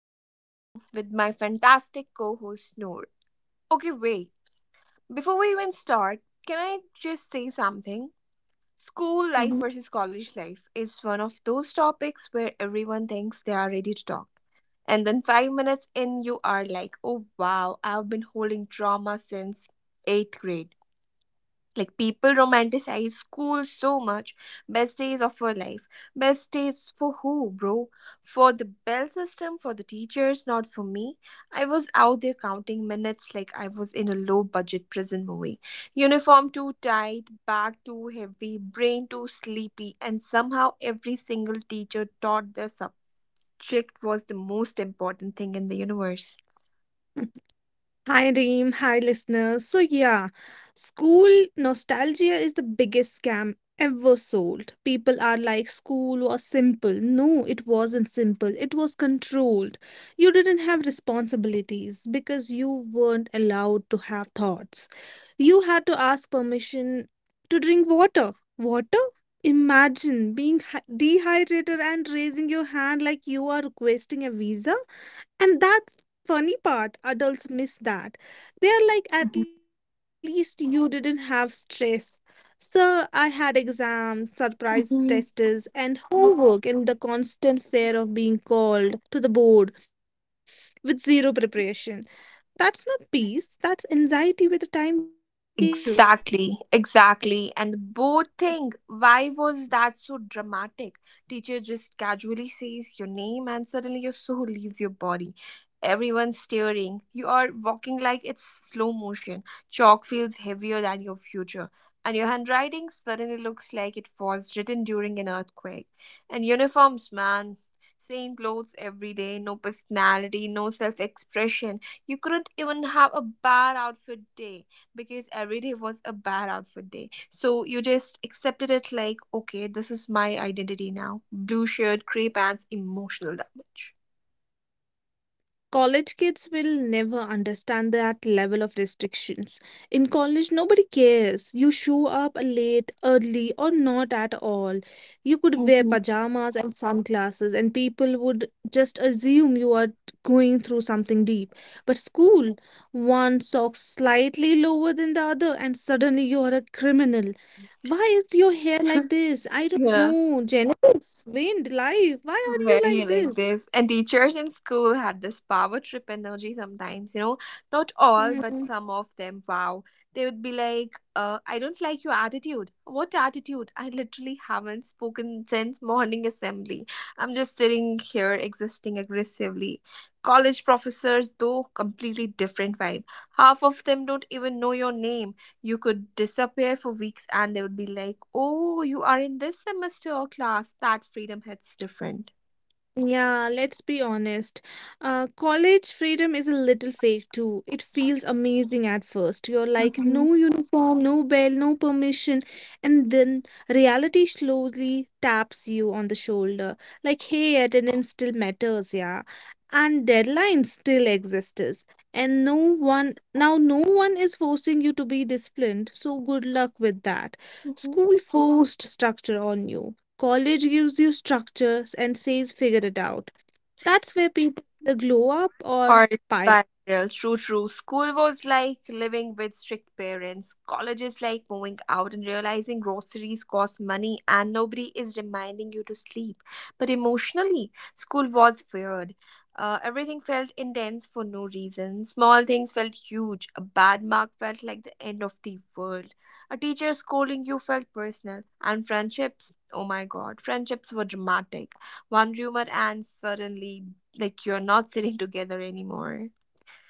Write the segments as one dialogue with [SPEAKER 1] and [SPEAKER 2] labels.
[SPEAKER 1] host Reem with my fantastic co host Noor. Okay, wait, before we even start, can I just say something? School life
[SPEAKER 2] Mhm.
[SPEAKER 1] versus college life is one of those topics where everyone thinks they are ready to talk. And then 5 minutes in, you are like, oh wow, I've been holding trauma since eighth grade. Like people romanticize school so much. Best days of her life. Best days for who, bro? For the bell system, for the teachers, not for me. I was out there counting minutes like I was in a low budget prison movie. Uniform too tight, bag too heavy, brain too sleepy, and somehow every single teacher taught their subject was the most important thing in the universe.
[SPEAKER 2] Hi, Reem. Hi, listeners. So school nostalgia is the biggest scam ever sold. People are like, school was simple. No, it wasn't simple. It was controlled. You didn't have responsibilities because you weren't allowed to have thoughts. You had to ask permission to drink water. Water? Imagine being dehydrated and raising your hand like you are requesting a visa. And that funny part, adults miss that. They're like, at least you didn't have stress. So I had exams, surprise tests, and homework, and the constant fear of being called to the board with zero preparation. That's not peace, that's anxiety with a timetable.
[SPEAKER 1] Exactly, exactly. And the boat thing, why was that so dramatic? Teacher just casually says your name and suddenly your soul leaves your body. Everyone's staring. You are walking like it's slow motion. Chalk feels heavier than your future. And your handwriting suddenly looks like it was written during an earthquake. And uniforms, man. Same clothes every day, no personality, no self expression. You couldn't even have a bad outfit day because every day was a bad outfit day. So you just accepted it like, okay, this is my identity now. Blue shirt, gray pants, emotional damage.
[SPEAKER 2] College kids will never understand that level of restrictions. In college, nobody cares. You show up late, early, or not at all. You could wear
[SPEAKER 1] Mhm.
[SPEAKER 2] pajamas and sunglasses, and people would just assume you are going through something deep. But school, one sock slightly lower than the other, and suddenly you are a criminal. Why is your hair like this? I don't
[SPEAKER 1] Yeah.
[SPEAKER 2] know. Genetics, wind, life. Why are you
[SPEAKER 1] Very
[SPEAKER 2] like
[SPEAKER 1] like this.
[SPEAKER 2] this?
[SPEAKER 1] And teachers in school had this power trip energy sometimes, you know. Not all, but some of them, wow. They would be like, I don't like your attitude. What attitude? I literally haven't spoken since morning assembly. I'm just sitting here existing aggressively. College professors, though, completely different vibe. Half of them don't even know your name. You could disappear for weeks and they would be like, oh, you are in this semester or class. That freedom hits different.
[SPEAKER 2] Yeah, let's be honest. College freedom is a little fake too. It feels amazing at first. You're
[SPEAKER 1] 嗯
[SPEAKER 2] like,
[SPEAKER 1] 哼，
[SPEAKER 2] no uniform, no bell, no permission. And then reality slowly taps you on the shoulder. Like, hey, attendance still matters, yeah. And deadlines still exists. And no one, now no one is forcing you to be disciplined. So good luck with that.
[SPEAKER 1] 嗯哼。
[SPEAKER 2] School forced structure on you. College gives you structures and says figure it out. That's where people either glow up or
[SPEAKER 1] Or it's
[SPEAKER 2] spiral.
[SPEAKER 1] spiral. True, true. School was like living with strict parents. College is like moving out and realizing groceries cost money and nobody is reminding you to sleep. But emotionally, school was weird. Everything felt intense for no reason. Small things felt huge. A bad mark felt like the end of the world. A teacher scolding you felt personal. And friendships, oh my god, friendships were dramatic. One rumor and suddenly like you're not sitting together anymore.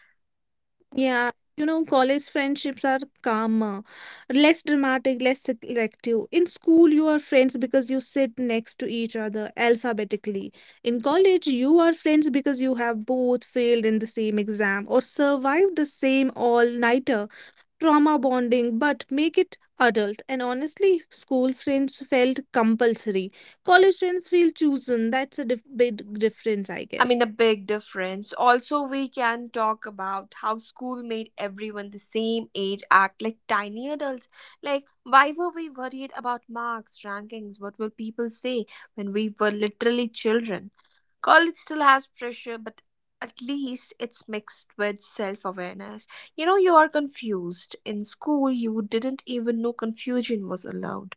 [SPEAKER 2] Yeah, you know, college friendships are calmer, less dramatic, less selective. In school, you are friends because you sit next to each other alphabetically. In college, you are friends because you have both failed in the same exam or survived the same all-nighter. Trauma bonding, but make it adult. And honestly, school friends felt compulsory. College friends feel chosen. That's a big difference, I
[SPEAKER 1] I
[SPEAKER 2] guess.
[SPEAKER 1] mean, a big difference. Also, we can talk about how school made everyone the same age act like tiny adults. Like, why were we worried about marks, rankings? What will people say when we were literally children? College still has pressure, but at least it's mixed with self awareness. You know, you are confused. In school, you didn't even know confusion was allowed.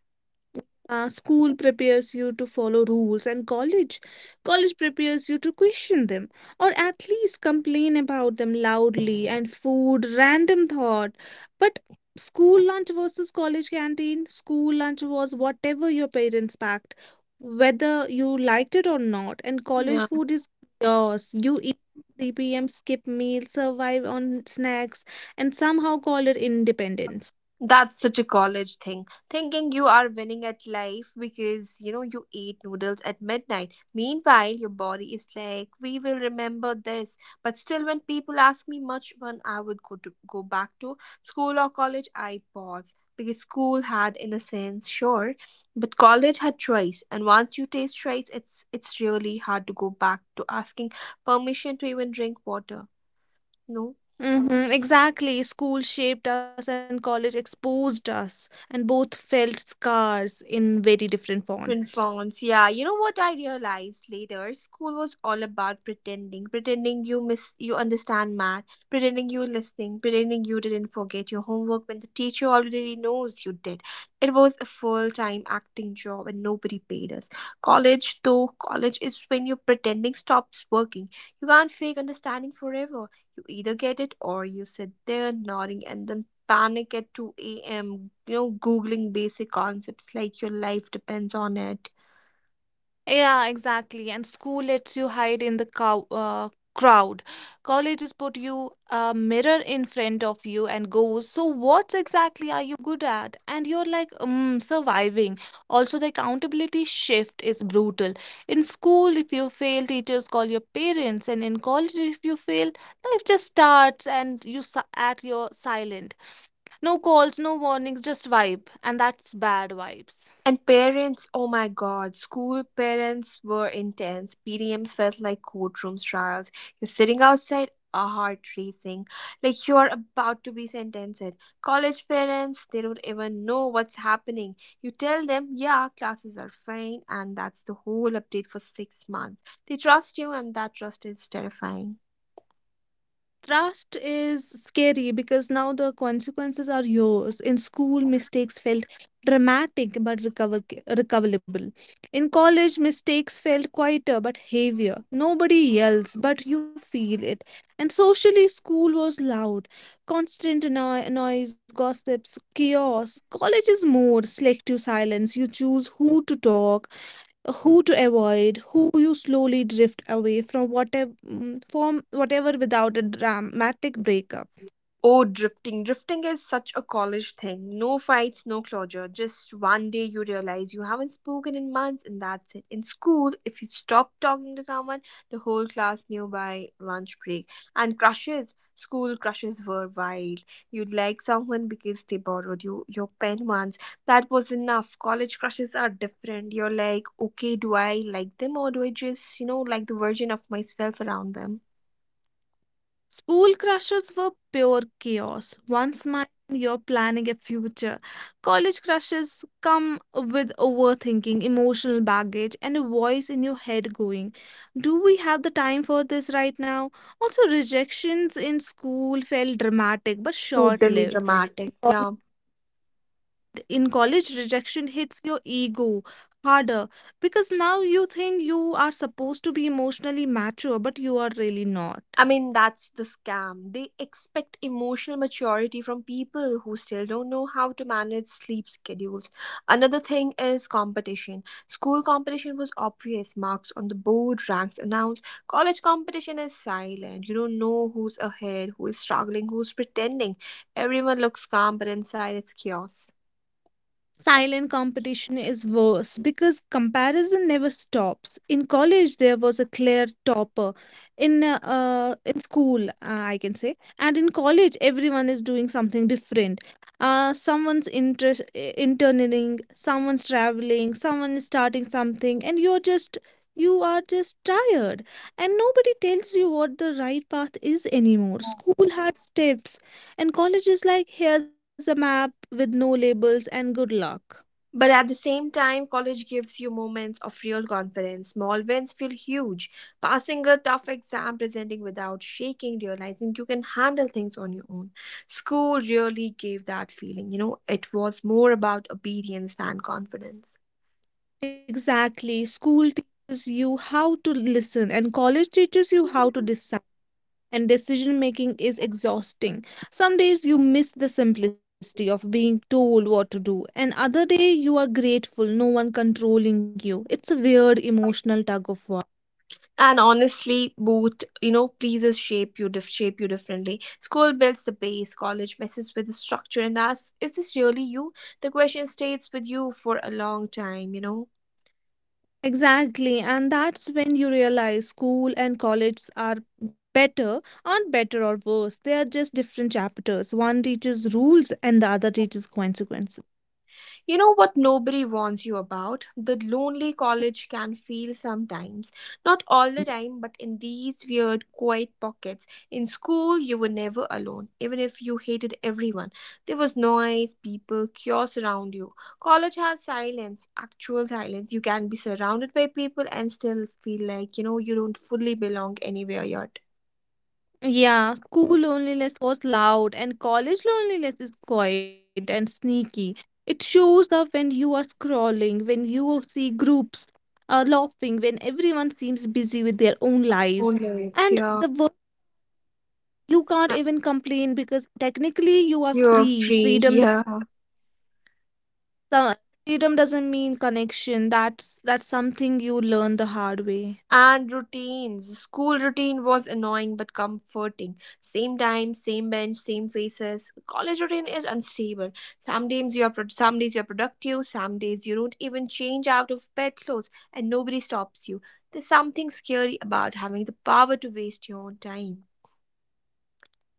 [SPEAKER 2] School prepares you to follow rules, and college prepares you to question them, or at least complain about them loudly. And food, random thought, but school lunch versus college canteen. School lunch was whatever your parents packed, whether you liked it or not. And college
[SPEAKER 1] Yeah.
[SPEAKER 2] food is yours. You eat. 3 p.m., skip meal, survive on snacks, and somehow call it independence.
[SPEAKER 1] That's such a college thing. Thinking you are winning at life because, you know, you ate noodles at midnight. Meanwhile, your body is like, we will remember this. But still, when people ask me much when I would go back to school or college, I pause. Because school had innocence, sure, but college had choice. And once you taste choice, it's really hard to go back to asking permission to even drink water. No.
[SPEAKER 2] Mhm, exactly. School shaped us and college exposed us, and both felt scars in very different
[SPEAKER 1] Different
[SPEAKER 2] fonts.
[SPEAKER 1] fonts. Yeah, you know what I realized later? School was all about pretending, pretending you understand math, pretending you're listening, pretending you didn't forget your homework when the teacher already knows you did. It was a full-time acting job and nobody paid us. College, though, college is when your pretending stops working. You can't fake understanding forever. You either get it or you sit there nodding and then panic at 2 a.m., you know, Googling basic concepts like your life depends on it.
[SPEAKER 2] Yeah, exactly. And school lets you hide in the cow crowd. College has put you a mirror in front of you and goes, so, what exactly are you good at? And you're like, surviving. Also, the accountability shift is brutal. In school, if you fail, teachers call your parents. And in college, if you fail, life just starts and you at your silent. No calls, no warnings, just vibe. And that's bad vibes.
[SPEAKER 1] And parents, oh my god, school parents were intense. PDMs felt like courtrooms trials. You're sitting outside, a heart racing, like you're about to be sentenced. College parents, they don't even know what's happening. You tell them, yeah, classes are fine, and that's the whole update for 6 months. They trust you, and that trust is terrifying.
[SPEAKER 2] Trust is scary because now the consequences are yours. In school, mistakes felt dramatic but recoverable. In college, mistakes felt quieter but heavier. Nobody yells, but you feel it. And socially, school was loud, constant noise, gossips, chaos. College is more selective silence. You choose who to talk, who to avoid, who you slowly drift away from whatever without a dramatic breakup.
[SPEAKER 1] Oh, drifting. Drifting is such a college thing. No fights, no closure. Just one day you realize you haven't spoken in months, and that's it. In school, if you stop talking to someone, the whole class knew by lunch break. And crushes. School crushes were wild. You'd like someone because they borrowed you your pen once. That was enough. College crushes are different. You're like, okay, do I like them or do I just, you know, like the version of myself around them?
[SPEAKER 2] School crushes were pure chaos. One smile you're planning a future. College crushes come with overthinking, emotional baggage, and a voice in your head going, do we have the time for this right now? Also, rejections in school felt dramatic but short
[SPEAKER 1] Totally
[SPEAKER 2] lived.
[SPEAKER 1] dramatic. Yeah.
[SPEAKER 2] In college rejection hits your ego harder because now you think you are supposed to be emotionally mature but you are really not.
[SPEAKER 1] I mean, that's the scam. They expect emotional maturity from people who still don't know how to manage sleep schedules. Another thing is competition. School competition was obvious, marks on the board, ranks announced. College competition is silent. You don't know who's ahead, who is struggling, who's pretending. Everyone looks calm, but inside it's chaos.
[SPEAKER 2] Silent competition is worse because comparison never stops. In college, there was a clear topper. In school, I can say, and in college, everyone is doing something different. Someone's interest interning, someone's traveling, someone is starting something, and you are just tired, and nobody tells you what the right path is anymore. School had steps, and college is like here's a map with no labels and good luck.
[SPEAKER 1] But at the same time, college gives you moments of real confidence. Small wins feel huge. Passing a tough exam, presenting without shaking, realizing you can handle things on your own. School really gave that feeling. You know, it was more about obedience than confidence.
[SPEAKER 2] Exactly. School teaches you how to listen, and college teaches you how to decide. And decision making is exhausting. Some days you miss the simplicity of being told what to do, and other day you are grateful, no one controlling you. It's a weird emotional tug of war.
[SPEAKER 1] And honestly, both pleases shape you differently. School builds the base, college messes with the structure and asks, "Is this really you?" The question stays with you for a long time. You know.
[SPEAKER 2] Exactly, and that's when you realize school and college aren't better or worse. They are just different chapters. One teaches rules, and the other teaches consequences.
[SPEAKER 1] You know what nobody warns you about? The lonely college can feel sometimes. Not all the time, but in these weird, quiet pockets. In school, you were never alone, even if you hated everyone. There was noise, people, chaos around you. College has silence, actual silence. You can be surrounded by people and still feel like, you know, you don't fully belong anywhere yet.
[SPEAKER 2] Yeah, school loneliness was loud and college loneliness is quiet and sneaky. It shows up when you are scrolling, when you see groups laughing, when everyone seems busy with their own lives.
[SPEAKER 1] Own lives,
[SPEAKER 2] And
[SPEAKER 1] yeah.
[SPEAKER 2] the work you can't
[SPEAKER 1] Uh,
[SPEAKER 2] even complain because technically you are
[SPEAKER 1] You're
[SPEAKER 2] free.
[SPEAKER 1] free, yeah.
[SPEAKER 2] Uh, freedom doesn't mean connection. That's something you learn the hard way.
[SPEAKER 1] And routines. School routine was annoying but comforting. Same time, same bench, same faces. College routine is unstable. Some days you are productive, some days you don't even change out of bed clothes and nobody stops you. There's something scary about having the power to waste your own time.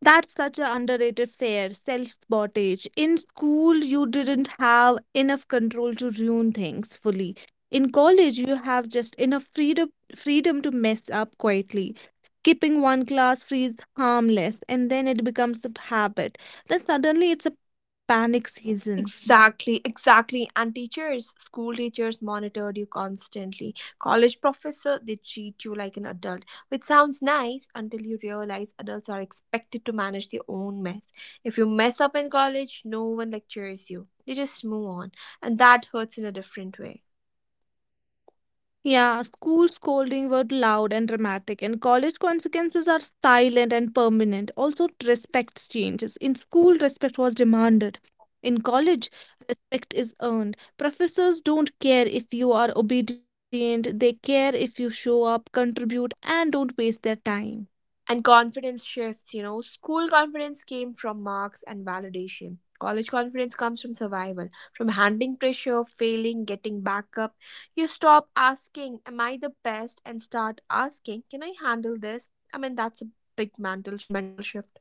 [SPEAKER 2] That's such an underrated fear, self-sabotage. In school, you didn't have enough control to ruin things fully. In college, you have just enough freedom to mess up quietly. Skipping one class feels harmless, and then it becomes a habit. Then suddenly it's a panic season.
[SPEAKER 1] Exactly, exactly. And teachers, school teachers monitored you constantly. College professor, they treat you like an adult, which sounds nice until you realize adults are expected to manage their own mess. If you mess up in college, no one lectures you. They just move on, and that hurts in a different way.
[SPEAKER 2] Yeah, school scolding were loud and dramatic, and college consequences are silent and permanent. Also, respect changes. In school, respect was demanded. In college, respect is earned. Professors don't care if you are obedient, they care if you show up, contribute, and don't waste their time.
[SPEAKER 1] And confidence shifts, you know. School confidence came from marks and validation. College confidence comes from survival, from handling pressure, failing, getting back up. You stop asking, Am I the best? And start asking, Can I handle this? I mean, that's a big mental shift.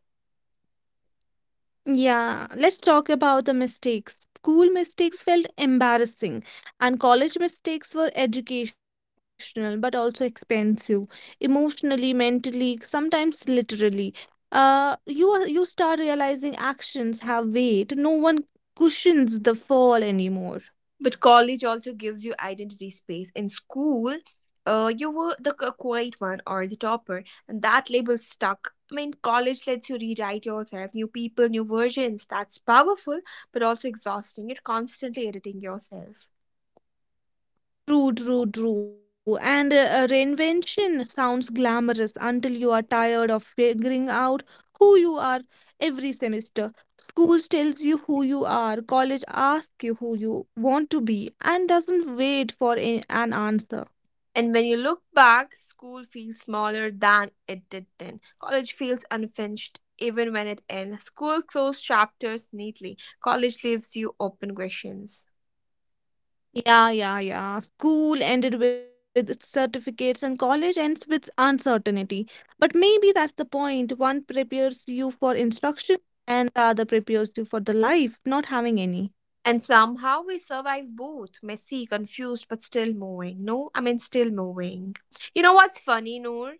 [SPEAKER 2] Yeah, let's talk about the mistakes. School mistakes felt embarrassing, and college mistakes were educational but also expensive, emotionally, mentally, sometimes literally. You start realizing actions have weight. No one cushions the fall anymore.
[SPEAKER 1] But college also gives you identity space. In school, you were the quiet one or the topper, and that label stuck. I mean, college lets you rewrite yourself, new people, new versions. That's powerful, but also exhausting. You're constantly editing yourself.
[SPEAKER 2] True, true, true. And reinvention sounds glamorous until you are tired of figuring out who you are every semester. School tells you who you are, college asks you who you want to be, and doesn't wait for an answer.
[SPEAKER 1] And when you look back, school feels smaller than it did then. College feels unfinished even when it ends. School closed chapters neatly, college leaves you open questions.
[SPEAKER 2] Yeah, yeah, yeah. School ended with its certificates and college ends with uncertainty. But maybe that's the point. One prepares you for instruction and the other prepares you for the life, not having any.
[SPEAKER 1] And somehow we survive both messy, confused, but still moving. No, I mean, still moving. You know what's funny, Noor?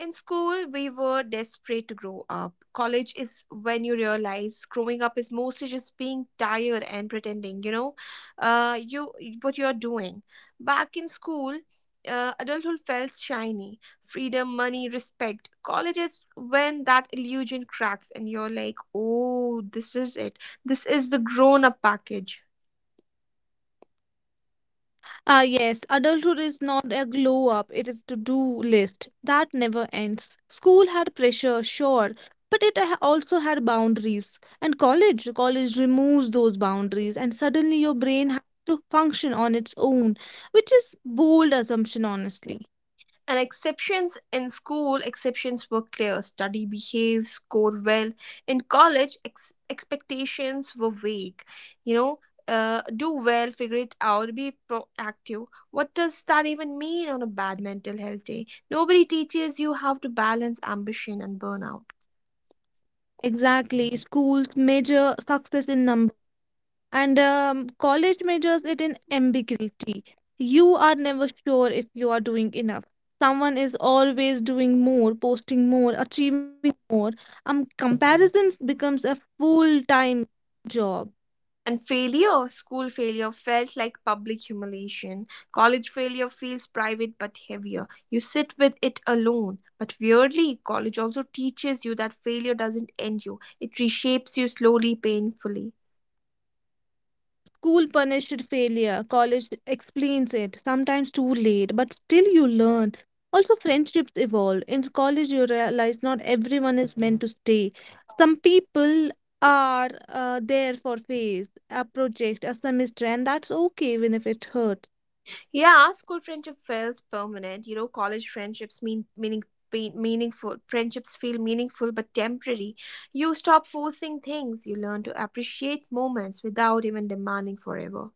[SPEAKER 1] In school, we were desperate to grow up. College is when you realize growing up is mostly just being tired and pretending, you know, you what you're doing. Back in school, adulthood felt shiny freedom, money, respect. College is when that illusion cracks and you're like, oh, this is it. This is the grown up package.
[SPEAKER 2] Ah, yes, adulthood is not a glow up, it is to do list that never ends. School had pressure, sure, but also had boundaries. And college removes those boundaries, and suddenly your brain has to function on its own, which is bold assumption, honestly.
[SPEAKER 1] And exceptions in school, exceptions were clear. Study, behave, score well. In college, expectations were vague. You know, do well, figure it out, be proactive. What does that even mean on a bad mental health day? Nobody teaches you how to balance ambition and burnout.
[SPEAKER 2] Exactly, schools measure success in numbers. And college measures it in ambiguity. You are never sure if you are doing enough. Someone is always doing more, posting more, achieving more. Comparison becomes a full time job.
[SPEAKER 1] And failure, school failure felt like public humiliation. College failure feels private but heavier. You sit with it alone. But weirdly, college also teaches you that failure doesn't end you, it reshapes you slowly, painfully.
[SPEAKER 2] School punished failure, college explains it, sometimes too late, but still you learn. Also, friendships evolve. In college, you realize not everyone is meant to stay. Some people are there for phase, a project, a semester, and that's okay even if it hurts.
[SPEAKER 1] Yeah, school friendship feels permanent. You know, college friendships meaningful. Friendships feel meaningful but temporary. You stop forcing things. You learn to appreciate moments without even demanding forever.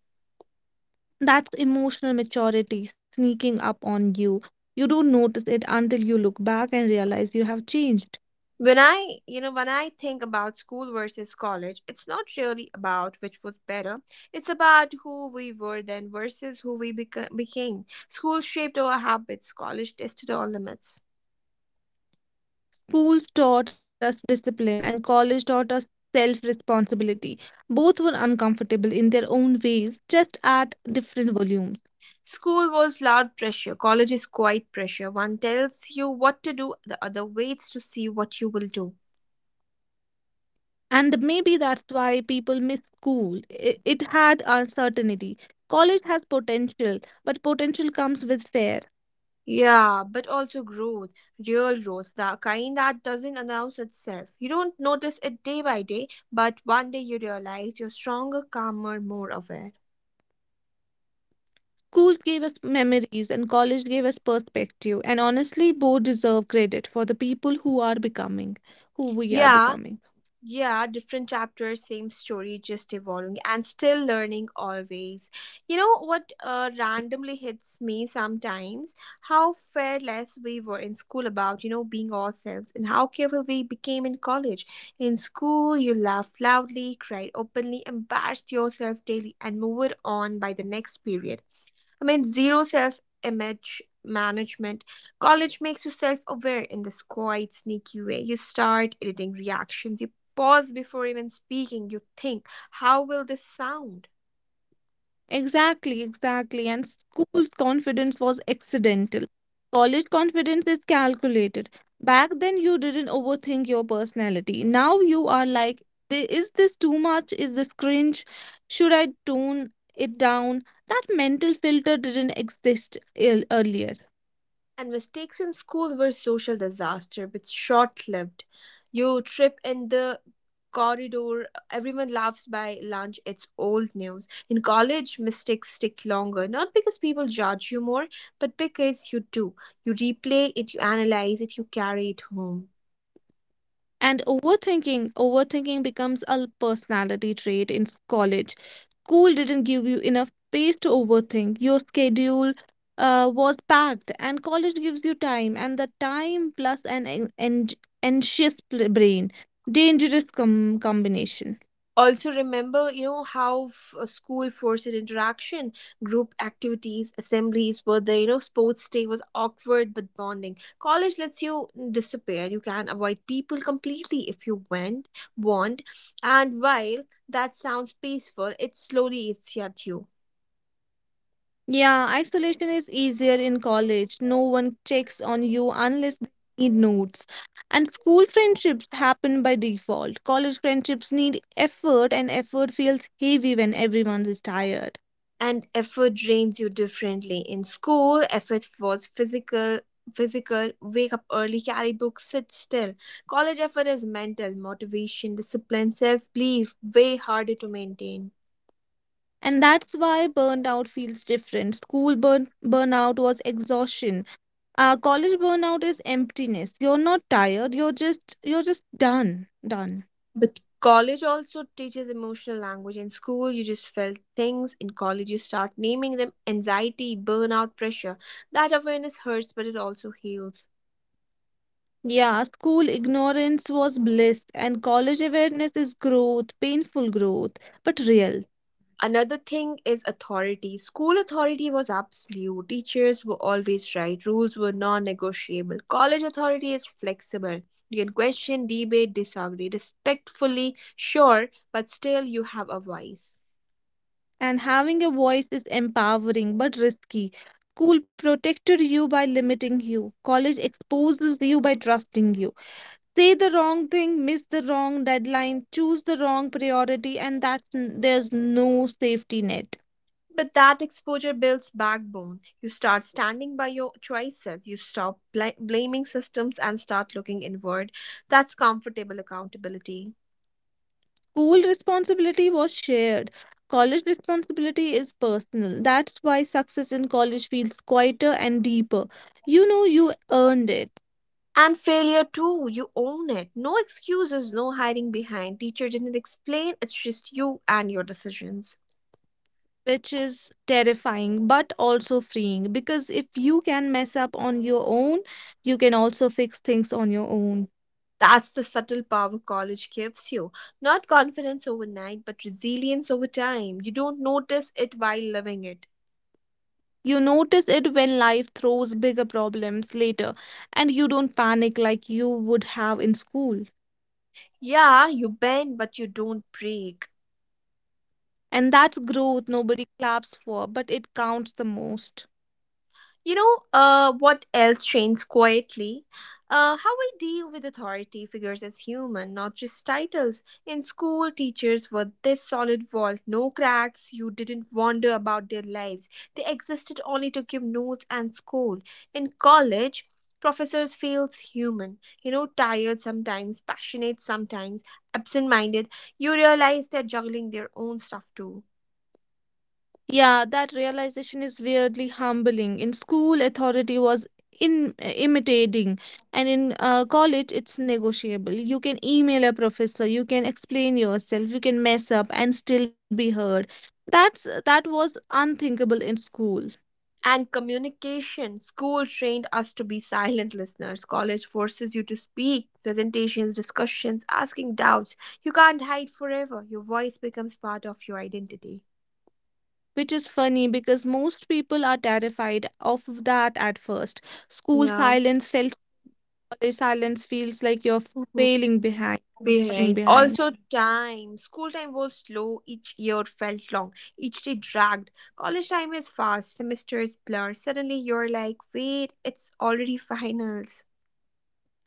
[SPEAKER 2] That's emotional maturity sneaking up on you. You don't notice it until you look back and realize you have changed.
[SPEAKER 1] When I, you know, when I think about school versus college, it's not really about which was better. It's about who we were then versus who we became. School shaped our habits, college tested our limits.
[SPEAKER 2] Schools taught us discipline and college taught us self responsibility. Both were uncomfortable in their own ways, just at different volumes.
[SPEAKER 1] School was loud pressure, college is quiet pressure. One tells you what to do, the other waits to see what you will do.
[SPEAKER 2] And maybe that's why people miss school. It had uncertainty. College has potential, but potential comes with fear.
[SPEAKER 1] Yeah, but also growth, real growth, the kind that doesn't announce itself. You don't notice it day by day, but one day you realize you're stronger, calmer, more aware.
[SPEAKER 2] Schools gave us memories and college gave us perspective. And honestly, both deserve credit for the people who are becoming, who we are
[SPEAKER 1] Yeah,
[SPEAKER 2] becoming.
[SPEAKER 1] yeah, different chapters, same story, just evolving and still learning always. You know what randomly hits me sometimes? How fearless we were in school about, being ourselves and how careful we became in college. In school, you laughed loudly, cried openly, embarrassed yourself daily, and moved on by the next period. I mean, zero self image management. College makes you self aware in this quiet, sneaky way. You start editing reactions, you pause before even speaking, you think, how will this sound?
[SPEAKER 2] Exactly, exactly. And school's confidence was accidental. College confidence is calculated. Back then, you didn't overthink your personality. Now you are like, Is this too much? Is this cringe? Should I tone it down?" That mental filter didn't exist earlier.
[SPEAKER 1] And mistakes in school were social disaster, but short-lived. You trip in the corridor, everyone laughs by lunch, it's old news. In college, mistakes stick longer, not because people judge you more, but because you do. You replay it, you analyze it, you carry it home.
[SPEAKER 2] And overthinking becomes a personality trait in college. School didn't give you enough space to overthink. Your schedule was packed, and college gives you time, and the time plus anxious brain. Dangerous combination.
[SPEAKER 1] Also remember, you know how school forced interaction, group activities, assemblies were there, you know, sports day was awkward but bonding. College lets you disappear, you can avoid people completely if you went want, and while that sounds peaceful, it slowly eats at you.
[SPEAKER 2] Yeah, isolation is easier in college. No one checks on you unless they need notes. And school friendships happen by default. College friendships need effort, and effort feels heavy when everyone is tired.
[SPEAKER 1] And effort drains you differently. In school effort was physical, wake up early, carry books, sit still. College effort is mental, motivation, discipline, self belief, way harder to maintain.
[SPEAKER 2] And that's why burnout feels different. School burn burnout was exhaustion. College burnout is emptiness. You're not tired. You're just done. Done.
[SPEAKER 1] But college also teaches emotional language. In school you just felt things, in college you start naming them, anxiety, burnout, pressure. That awareness hurts, but it also heals.
[SPEAKER 2] Yeah, school ignorance was bliss, and college awareness is growth, painful growth, but real.
[SPEAKER 1] Another thing is authority. School authority was absolute. Teachers were always right. Rules were non negotiable. College authority is flexible. You can question, debate, disagree. Respectfully, sure, but still you have a voice.
[SPEAKER 2] And having a voice is empowering but risky. School protected you by limiting you, college exposes you by trusting you. Say the wrong thing, miss the wrong deadline, choose the wrong priority, and there's no safety net.
[SPEAKER 1] But that exposure builds backbone. You start standing by your choices. You stop blaming systems and start looking inward. That's comfortable accountability.
[SPEAKER 2] School responsibility was shared. College responsibility is personal. That's why success in college feels quieter and deeper. You know you earned it,
[SPEAKER 1] And failure too, you own it. No excuses, no hiding behind. Teacher didn't explain, it's just you and your decisions.
[SPEAKER 2] which is terrifying but also freeing because if you can mess up on your own, you can also fix things on your own.
[SPEAKER 1] That's the subtle power college gives you. Not confidence overnight, but resilience over time. You don't notice it while living it.
[SPEAKER 2] You notice it when life throws bigger problems later and you don't panic like you would have in school.
[SPEAKER 1] Yeah, you bend, but you don't break.
[SPEAKER 2] And that's growth nobody claps for, but it counts the most.
[SPEAKER 1] What else trains quietly? How we deal with authority figures as human, not just titles. In school, teachers were this solid wall, no cracks. You didn't wonder about their lives. They existed only to give notes and scold. In college, professors feels human. You know, tired sometimes, passionate sometimes, absent-minded. You realize they're juggling their own stuff too.
[SPEAKER 2] Yeah, that realization is weirdly humbling. In school, authority was in imitating, and in college, it's negotiable. You can email a professor, you can explain yourself, you can mess up and still be heard. That was unthinkable in school,
[SPEAKER 1] And communication, school trained us to be silent listeners, college forces you to speak, presentations, discussions, asking doubts. You can't hide forever, your voice becomes part of your identity.
[SPEAKER 2] which is funny because most people are terrified of that at first. School
[SPEAKER 1] Yeah.
[SPEAKER 2] silence felt, college silence feels like you're
[SPEAKER 1] Mhm.
[SPEAKER 2] failing behind, falling
[SPEAKER 1] Behind
[SPEAKER 2] behind.
[SPEAKER 1] also time, school time was slow, each year felt long, each day dragged. College time is fast, semesters blur, suddenly you're like, wait, it's already finals.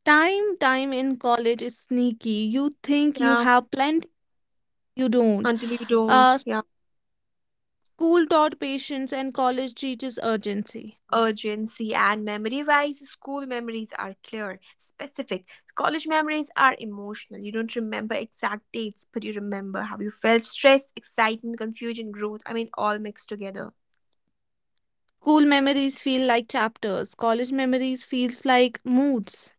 [SPEAKER 2] Time in college is sneaky. You think you
[SPEAKER 1] Yeah,
[SPEAKER 2] have plenty, you don't.
[SPEAKER 1] until you
[SPEAKER 2] Uh,
[SPEAKER 1] don't. Yeah,
[SPEAKER 2] school taught patience and college teaches urgency.
[SPEAKER 1] urgency. And memory wise, school memories are clear, specific. College memories are emotional, you don't remember exact dates but you remember how you felt, stress, excitement, confusion, growth, I mean all mixed together.
[SPEAKER 2] School memories feel like chapters. College memories feels like moods.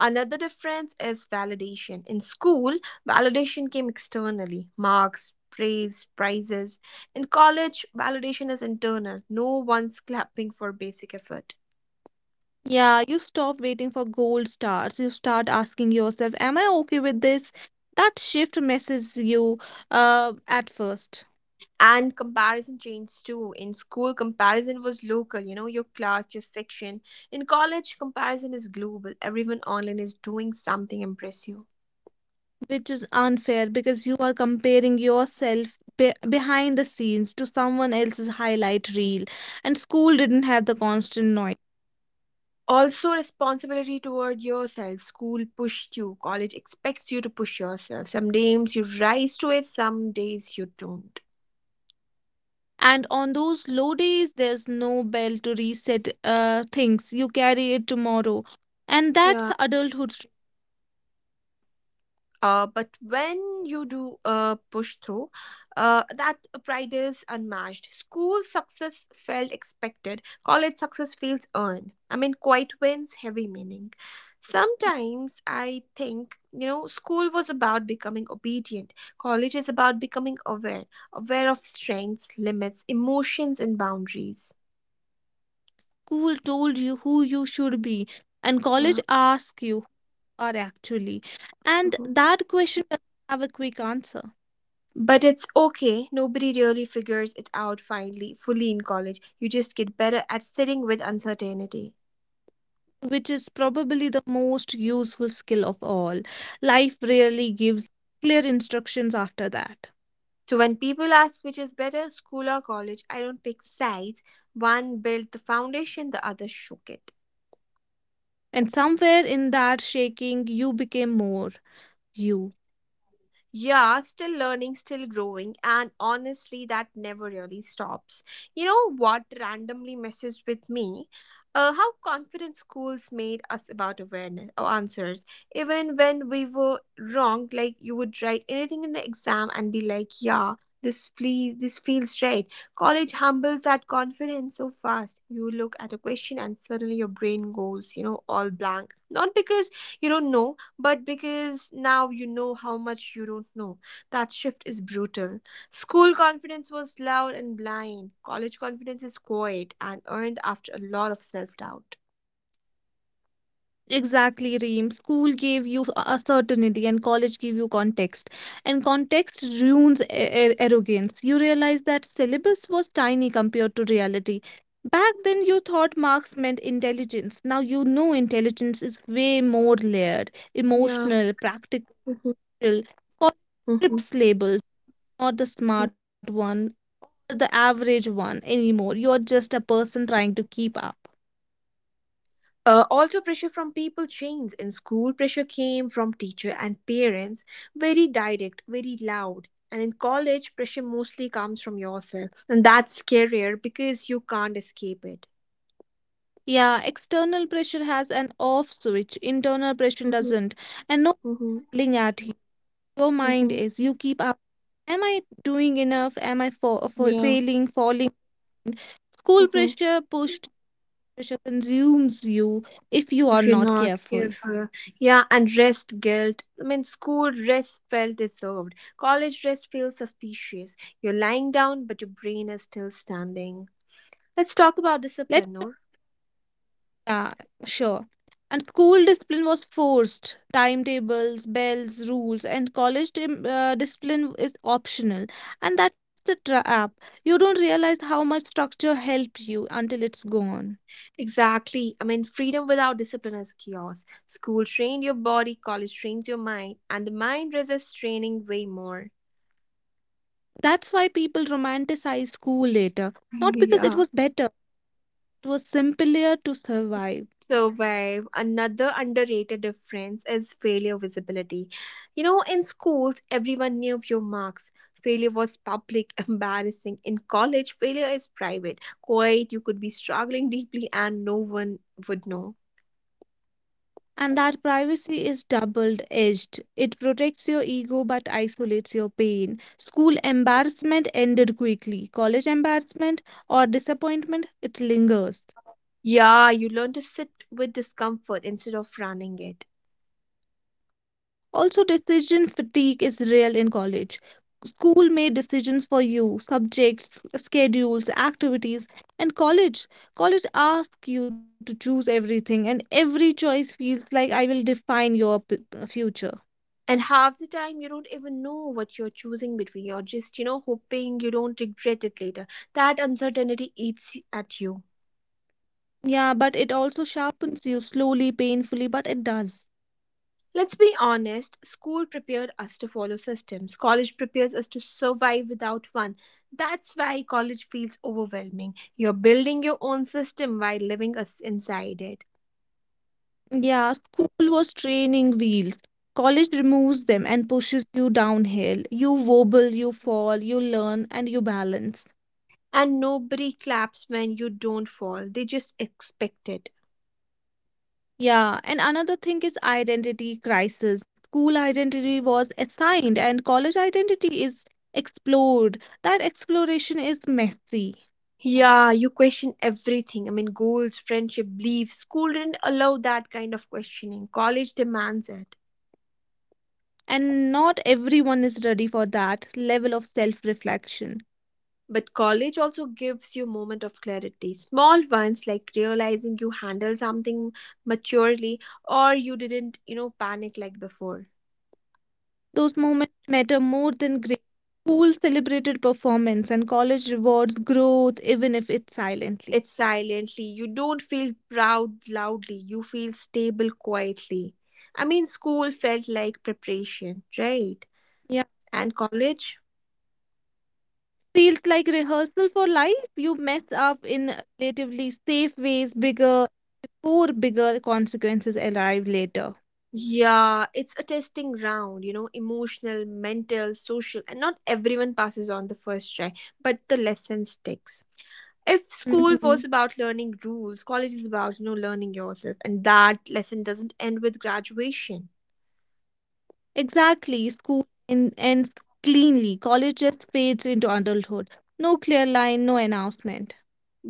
[SPEAKER 1] Another difference is validation. In school validation came externally, marks, praise, prizes. In college validation is internal, no one's clapping for basic effort.
[SPEAKER 2] Yeah, you stop waiting for gold stars. You start asking yourself, "Am I okay with this?" That shift messes you at first.
[SPEAKER 1] And comparison changed too. In school comparison was local, you know, your class, your section. In college comparison is global, everyone online is doing something impressive.
[SPEAKER 2] Which is unfair because you are comparing yourself behind the scenes to someone else's highlight reel, and school didn't have the constant noise.
[SPEAKER 1] Also responsibility toward yourself, school pushed you, college expects you to push yourself. Some days you rise to it, some days you don't.
[SPEAKER 2] And on those low days there's no bell to reset things, you carry it tomorrow, and that's
[SPEAKER 1] Yeah.
[SPEAKER 2] adulthood.
[SPEAKER 1] But when you do push through, that pride is unmatched. School success felt expected, college success feels earned. I mean, quiet wins, heavy meaning. Sometimes I think, you know, school was about becoming obedient, college is about becoming aware, aware of strengths, limits, emotions, and boundaries.
[SPEAKER 2] School told you who you should be and college
[SPEAKER 1] Yeah.
[SPEAKER 2] asked you who are actually, and
[SPEAKER 1] Mm-hmm.
[SPEAKER 2] that question doesn't have a quick answer,
[SPEAKER 1] But it's okay, nobody really figures it out finally, fully in college. You just get better at sitting with uncertainty.
[SPEAKER 2] which is probably the most useful skill of all. Life rarely gives clear instructions after that.
[SPEAKER 1] So when people ask which is better, school or college, I don't pick sides. One built the foundation, the other shook it.
[SPEAKER 2] And somewhere in that shaking, you became more you.
[SPEAKER 1] Yeah, still learning, still growing, and honestly, that never really stops. You know what randomly messes with me? How confident schools made us about awareness or answers. Even when we were wrong, like you would write anything in the exam and be like, yeah, this feels right. College humbles that confidence so fast. You look at a question and suddenly your brain goes, you know, all blank. Not because you don't know, but because now you know how much you don't know, that shift is brutal. School confidence was loud and blind, college confidence is quiet and earned after a lot of self doubt.
[SPEAKER 2] Exactly, Reem. School gave you a certainty and college gave you context. And context ruins arrogance. You realize that syllabus was tiny compared to reality. Back then, you thought marks meant intelligence. Now you know intelligence is way more layered,
[SPEAKER 1] Yeah.
[SPEAKER 2] emotional, practical. College
[SPEAKER 1] Hmm.
[SPEAKER 2] trips labels, not the smart one or the average one anymore. You're just a person trying to keep up.
[SPEAKER 1] Also, pressure from people changed. In school, pressure came from teacher and parents, very direct, very loud. And in college, pressure mostly comes from yourself. And that's scarier because you can't escape it.
[SPEAKER 2] Yeah, external pressure has an off switch, internal pressure
[SPEAKER 1] Mm-hmm,
[SPEAKER 2] doesn't. And no
[SPEAKER 1] mm-hmm,
[SPEAKER 2] yelling at you. Your mind
[SPEAKER 1] mm-hmm,
[SPEAKER 2] is, you keep up. Am I doing enough? Am I for
[SPEAKER 1] yeah.
[SPEAKER 2] failing, falling? School
[SPEAKER 1] Mm-hmm.
[SPEAKER 2] pressure, pushed pressure consumes you if you are
[SPEAKER 1] If you're
[SPEAKER 2] not
[SPEAKER 1] not
[SPEAKER 2] careful.
[SPEAKER 1] careful. Yeah, and rest guilt. I mean, school rest felt deserved. College rest feels suspicious. You're lying down, but your brain is still standing. Let's talk about
[SPEAKER 2] Let's,
[SPEAKER 1] discipline, Noor.
[SPEAKER 2] yeah, sure. And school discipline was forced. Timetables, bells, rules, and college discipline is optional. And that's the trap. You don't realize how much structure helped you until it's gone.
[SPEAKER 1] Exactly. I mean, freedom without discipline is chaos. School trained your body, college trains your mind, and the mind resists training way more.
[SPEAKER 2] That's why people romanticize school later. Not because it
[SPEAKER 1] Yeah.
[SPEAKER 2] was better, it was simpler to survive.
[SPEAKER 1] So, Vaib, another underrated difference is failure visibility. You know, in schools, everyone knew your marks. Failure was public, embarrassing. In college, failure is private, quiet. You could be struggling deeply, and no one would know.
[SPEAKER 2] And that privacy is double edged. It protects your ego but isolates your pain. School embarrassment ended quickly. College embarrassment or disappointment, it lingers.
[SPEAKER 1] Yeah, you learn to sit with discomfort instead of running it.
[SPEAKER 2] Also, decision fatigue is real in college. School made decisions for you, subjects, schedules, activities, and college. College asks you to choose everything, and every choice feels like I will define your future.
[SPEAKER 1] And half the time, you don't even know what you're choosing between. You're just, you know, hoping you don't regret it later. That uncertainty eats at you.
[SPEAKER 2] Yeah, but it also sharpens you slowly, painfully, but it does.
[SPEAKER 1] Let's be honest, school prepared us to follow systems, college prepares us to survive without one. That's why college feels overwhelming. You're building your own system while living us inside it.
[SPEAKER 2] Yeah, school was training wheels. College removes them and pushes you downhill. You wobble, you fall, you learn, and you balance.
[SPEAKER 1] And nobody claps when you don't fall, they just expect it.
[SPEAKER 2] Yeah, and another thing is identity crisis. School identity was assigned, and college identity is explored. That exploration is messy,
[SPEAKER 1] Yeah, you question everything. I mean, goals, friendship, beliefs. School didn't allow that kind of questioning. College demands it.
[SPEAKER 2] and not everyone is ready for that level of self-reflection.
[SPEAKER 1] But college also gives you moment of clarity. Small ones like realizing you handle something maturely, or you didn't, you know, panic like before.
[SPEAKER 2] Those moments matter more than grades. School celebrated performance and college rewards growth, even if it's silently.
[SPEAKER 1] It's silently. You don't feel proud loudly. You feel stable quietly. I mean, school felt like preparation, right?
[SPEAKER 2] Yeah.
[SPEAKER 1] And college?
[SPEAKER 2] Feels like rehearsal for life. You mess up in relatively safe ways bigger before bigger consequences arrive later.
[SPEAKER 1] Yeah, it's a testing round, you know, emotional, mental, social, and not everyone passes on the first try, but the lesson sticks. If school was
[SPEAKER 2] Mhm.
[SPEAKER 1] about learning rules, college is about, you know, learning yourself, and that lesson doesn't end with graduation.
[SPEAKER 2] Exactly. School ends cleanly. College just fades into adulthood. No clear line, no announcement.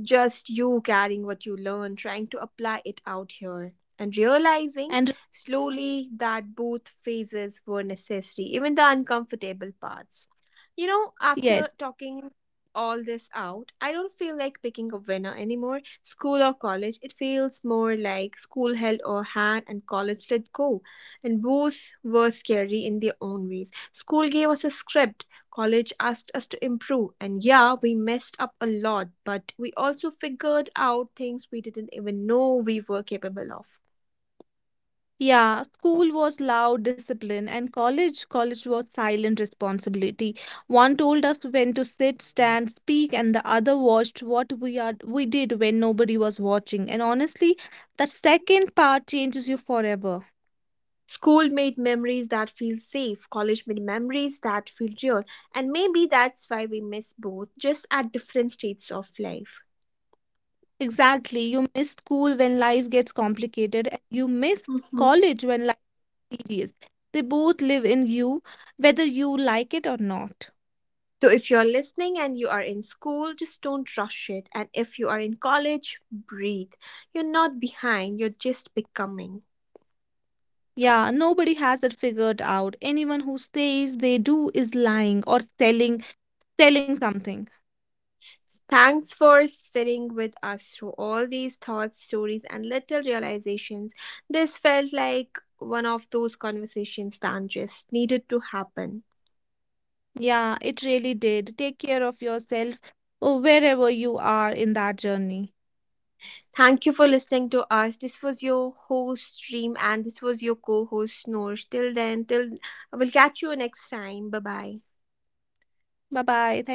[SPEAKER 1] Just you carrying what you learn, trying to apply it out here, and realizing
[SPEAKER 2] And
[SPEAKER 1] slowly that both phases were necessary, even the uncomfortable parts. You know, after
[SPEAKER 2] yes,
[SPEAKER 1] talking all this out, I don't feel like picking a winner anymore. School or college, it feels more like school held a hand and college let go. And both were scary in their own ways. School gave us a script. College asked us to improve, and yeah, we messed up a lot, but we also figured out things we didn't even know we were capable of.
[SPEAKER 2] yeah, school was loud discipline, and college was silent responsibility. One told us when to sit, stand, speak, and the other watched what we did when nobody was watching. And honestly, the second part changes you forever.
[SPEAKER 1] School made memories that feel safe, college made memories that feel real, and maybe that's why we miss both, just at different stages of life.
[SPEAKER 2] Exactly. You miss school when life gets complicated, and you miss
[SPEAKER 1] Mhm.
[SPEAKER 2] college when life series. They both live in you, whether you like it or not.
[SPEAKER 1] So, if you're listening and you are in school, just don't rush it. And if you are in college, breathe. You're not behind, you're just becoming.
[SPEAKER 2] Yeah, nobody has it figured out. Anyone who says they do is lying or selling something.
[SPEAKER 1] Thanks for sitting with us through all these thoughts, stories, and little realizations. This felt like one of those conversations that just needed to happen.
[SPEAKER 2] Yeah, it really did. Take care of yourself wherever you are in that journey.
[SPEAKER 1] Thank you for listening to us. This was your host, Stream, and this was your co host, Snores. Till then, till I will catch you next time. Bye bye.
[SPEAKER 2] Bye bye. Thank